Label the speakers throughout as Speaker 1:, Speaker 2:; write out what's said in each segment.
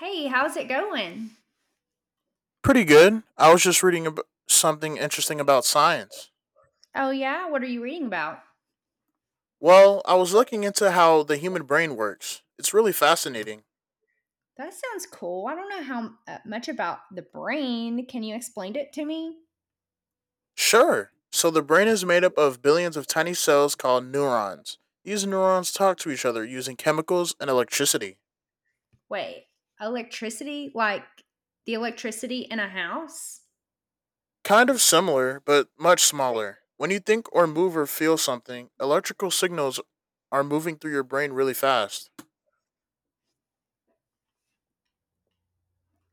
Speaker 1: Hey, how's it going?
Speaker 2: Pretty good. I was just reading ab- Something interesting about science.
Speaker 1: Oh, yeah. What are you reading about?
Speaker 2: Well, I was looking into how the human brain works. It's really fascinating.
Speaker 1: That sounds cool. I don't know how much about the brain. Can you explain it to me?
Speaker 2: Sure. So, the brain is made up of billions of tiny cells called neurons. These neurons talk to each other using chemicals and electricity.
Speaker 1: Wait, electricity? Like the electricity in a house?
Speaker 2: Kind of similar, but much smaller. When you think or move or feel something, electrical signals are moving through your brain really fast.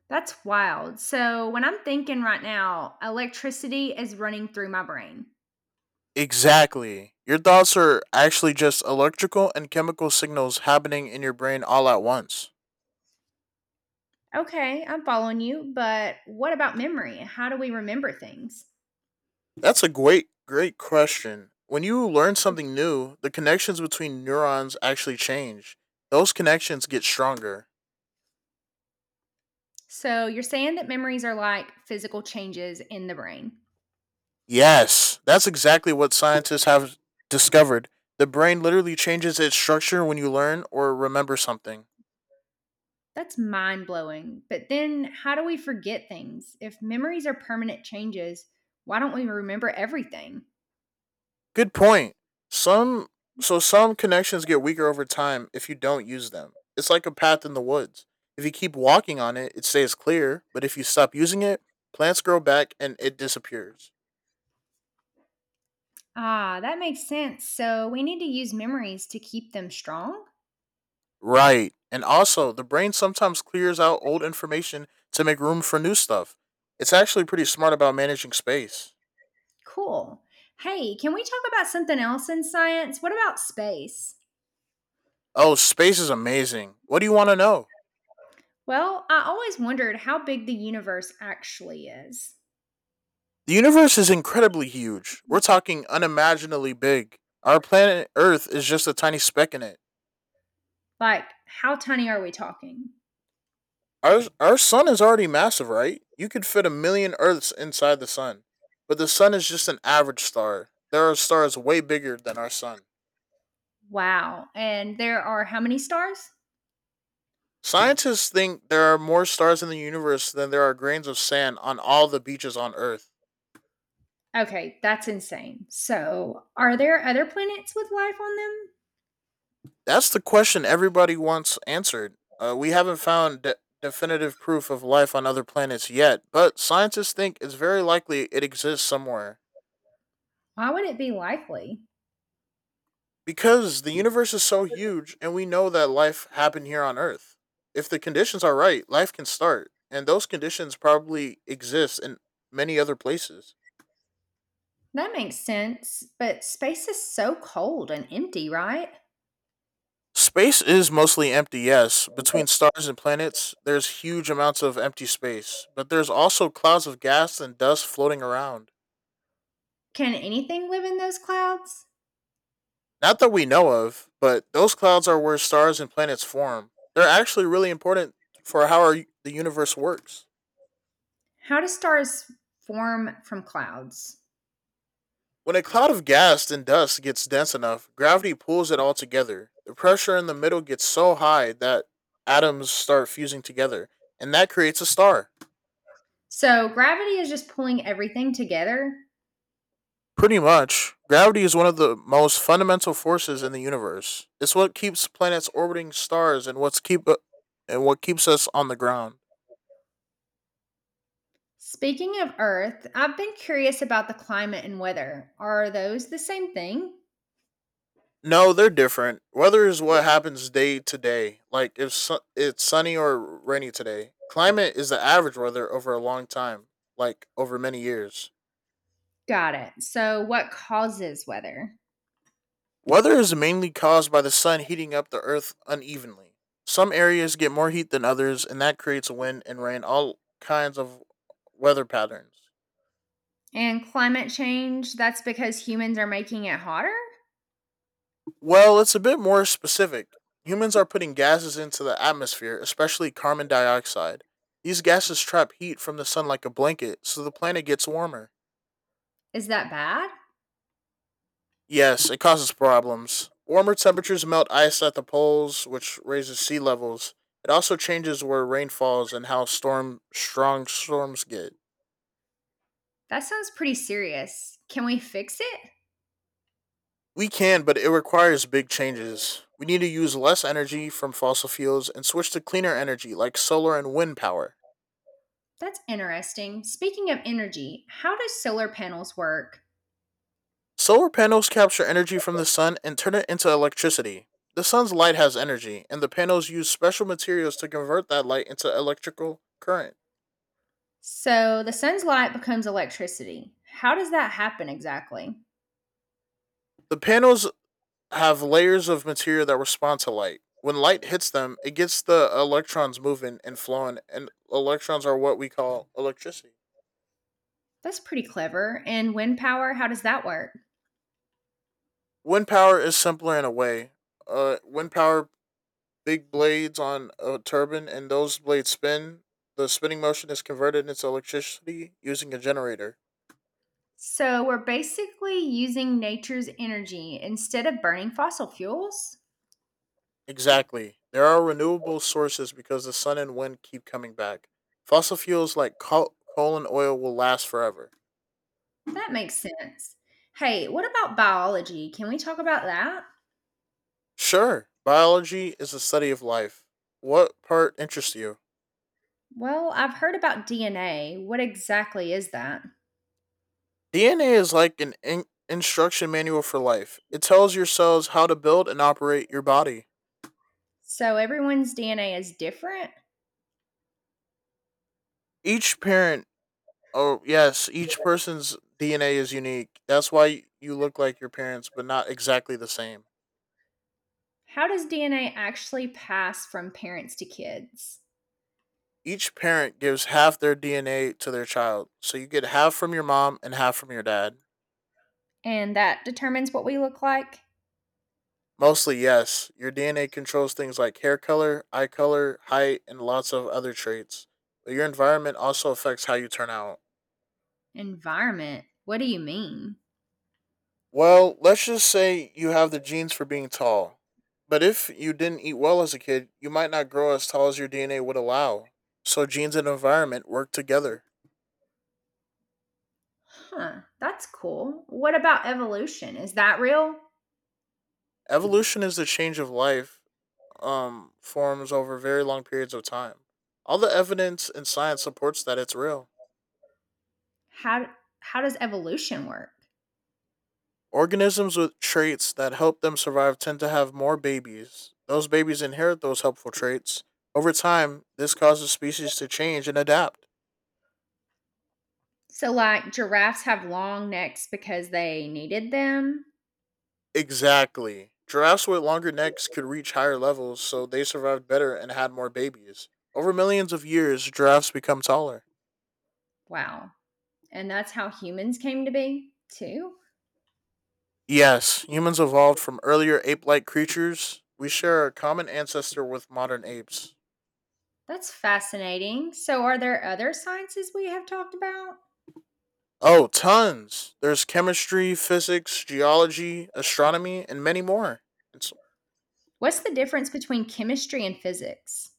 Speaker 1: That's wild. So, when I'm thinking right now, electricity is running through my brain.
Speaker 2: Exactly. Your thoughts are actually just electrical and chemical signals happening in your brain all at once.
Speaker 1: Okay, I'm following you, but what about memory? How do we remember things?
Speaker 2: That's a great, great question. When you learn something new, the connections between neurons actually change. Those connections get stronger.
Speaker 1: So you're saying that memories are like physical changes in the brain.
Speaker 2: Yes, that's exactly what scientists have discovered. The brain literally changes its structure when you learn or remember something.
Speaker 1: That's mind blowing. But then how do we forget things? If memories are permanent changes, why don't we remember everything?
Speaker 2: Good point. Some so some connections get weaker over time if you don't use them. It's like a path in the woods. If you keep walking on it, it stays clear, but if you stop using it, plants grow back and it disappears.
Speaker 1: Ah, that makes sense. So we need to use memories to keep them strong?
Speaker 2: Right. And also, the brain sometimes clears out old information to make room for new stuff. It's actually pretty smart about managing space.
Speaker 1: Cool. Hey, can we talk about something else in science? What about space?
Speaker 2: Oh, space is amazing. What do you want to know?
Speaker 1: Well, I always wondered how big the universe actually is.
Speaker 2: The universe is incredibly huge. We're talking unimaginably big. Our planet Earth is just a tiny speck in it.
Speaker 1: Like, how tiny are we talking?
Speaker 2: Our sun is already massive, right? You could fit a million Earths inside the sun, but the sun is just an average star. There are stars way bigger than our sun.
Speaker 1: Wow. And there are how many stars?
Speaker 2: Scientists think there are more stars in the universe than there are grains of sand on all the beaches on Earth.
Speaker 1: Okay, that's insane. So, are there other planets with life on them?
Speaker 2: That's the question everybody wants answered. We haven't found definitive proof of life on other planets yet, but scientists think it's very likely it exists somewhere.
Speaker 1: Why would it be likely?
Speaker 2: Because the universe is so huge and we know that life happened here on Earth. If the conditions are right, life can start. And those conditions probably exist in many other places.
Speaker 1: That makes sense, but space is so cold and empty, right?
Speaker 2: Space is mostly empty, yes. Between stars and planets, there's huge amounts of empty space, but there's also clouds of gas and dust floating around.
Speaker 1: Can anything live in those clouds?
Speaker 2: Not that we know of, but those clouds are where stars and planets form. They're actually really important for the universe works.
Speaker 1: How do stars form from clouds?
Speaker 2: When a cloud of gas and dust gets dense enough, gravity pulls it all together. The pressure in the middle gets so high that atoms start fusing together, and that creates a star.
Speaker 1: So, gravity is just pulling everything together.
Speaker 2: Pretty much, gravity is one of the most fundamental forces in the universe. It's what keeps planets orbiting stars and what keeps us on the ground.
Speaker 1: Speaking of Earth, I've been curious about the climate and weather. Are those the same thing?
Speaker 2: No, they're different. Weather is what happens day to day, like if su- it's sunny or rainy today. Climate is the average weather over a long time, like over many years.
Speaker 1: Got it. So, what causes weather?
Speaker 2: Weather is mainly caused by the sun heating up the earth unevenly. Some areas get more heat than others, and that creates wind and rain, all kinds of weather patterns.
Speaker 1: And climate change, that's because humans are making it hotter?
Speaker 2: Well, it's a bit more specific. Humans are putting gases into the atmosphere, especially carbon dioxide. These gases trap heat from the sun like a blanket, so the planet gets warmer.
Speaker 1: Is that bad?
Speaker 2: Yes, it causes problems. Warmer temperatures melt ice at the poles, which raises sea levels. It also changes where rain falls and how storm strong storms get.
Speaker 1: That sounds pretty serious. Can we fix it?
Speaker 2: We can, but it requires big changes. We need to use less energy from fossil fuels and switch to cleaner energy like solar and wind power.
Speaker 1: That's interesting. Speaking of energy, how do solar panels work?
Speaker 2: Solar panels capture energy from the sun and turn it into electricity. The sun's light has energy, and the panels use special materials to convert that light into electrical current.
Speaker 1: So, the sun's light becomes electricity. How does that happen exactly?
Speaker 2: The panels have layers of material that respond to light. When light hits them, it gets the electrons moving and flowing, and electrons are what we call electricity.
Speaker 1: That's pretty clever. And wind power, how does that work?
Speaker 2: Wind power is simpler in a way. Uh, wind power, Big blades on a turbine, and those blades spin. The spinning motion is converted into electricity using a generator.
Speaker 1: So, we're basically using nature's energy instead of burning fossil fuels?
Speaker 2: Exactly. There are renewable sources because the sun and wind keep coming back. Fossil fuels like coal and oil will last forever.
Speaker 1: That makes sense. Hey, what about biology? Can we talk about that?
Speaker 2: Sure, biology is the study of life. What part interests you?
Speaker 1: Well, I've heard about DNA. What exactly is that?
Speaker 2: DNA is like an instruction manual for life. It tells your cells how to build and operate your body.
Speaker 1: So, everyone's DNA is different?
Speaker 2: Each parent, oh yes, each person's DNA is unique. That's why you look like your parents, but not exactly the same.
Speaker 1: How does DNA actually pass from parents to kids?
Speaker 2: Each parent gives half their DNA to their child, so you get half from your mom and half from your dad.
Speaker 1: And that determines what we look like?
Speaker 2: Mostly, yes. Your DNA controls things like hair color, eye color, height, and lots of other traits. But your environment also affects how you turn out.
Speaker 1: Environment. What do you mean?
Speaker 2: Well, let's just say you have the genes for being tall. But if you didn't eat well as a kid, you might not grow as tall as your DNA would allow. So genes and environment work together.
Speaker 1: Huh, that's cool. What about evolution? Is that real?
Speaker 2: Evolution is the change of life forms over very long periods of time. All the evidence in science supports that it's real.
Speaker 1: How how does evolution work?
Speaker 2: Organisms with traits that help them survive tend to have more babies. Those babies inherit those helpful traits. Over time, this causes species to change and adapt.
Speaker 1: So, like, giraffes have long necks because they needed them.
Speaker 2: Exactly. Giraffes with longer necks could reach higher levels, so they survived better and had more babies. Over millions of years, giraffes become taller.
Speaker 1: Wow. And that's how humans came to be, too.
Speaker 2: Yes, humans evolved from earlier ape like creatures. We share a common ancestor with modern apes.
Speaker 1: That's fascinating. So, are there other sciences we have talked about?
Speaker 2: Oh, tons. There's chemistry, physics, geology, astronomy, and many more. It's
Speaker 1: What's the difference between chemistry and physics?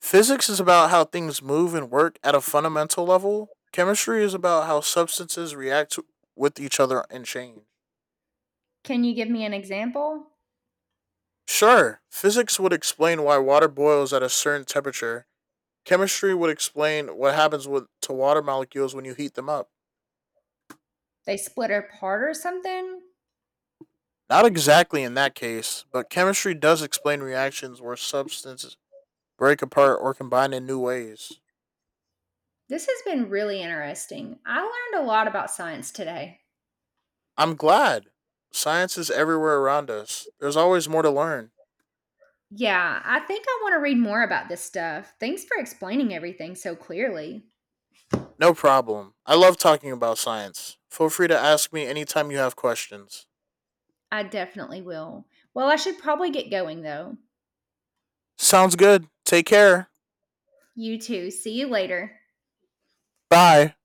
Speaker 2: Physics is about how things move and work at a fundamental level. Chemistry is about how substances with each other and change.
Speaker 1: Can you give me an example?
Speaker 2: Sure, physics would explain why water boils at a certain temperature. Chemistry would explain what happens with to water molecules when you heat them up.
Speaker 1: They split apart or something?
Speaker 2: Not exactly in that case, but chemistry does explain reactions where substances break apart or combine in new ways.
Speaker 1: This has been really interesting. I learned a lot about science today.
Speaker 2: I'm glad. Science is everywhere around us. There's always more to learn.
Speaker 1: Yeah, I think I want to read more about this stuff. Thanks for explaining everything so clearly.
Speaker 2: No problem. I love talking about science. Feel free to ask me anytime you have questions.
Speaker 1: I definitely will. Well, I should probably get going though.
Speaker 2: Sounds good. Take care.
Speaker 1: You too. See you later.
Speaker 2: Bye.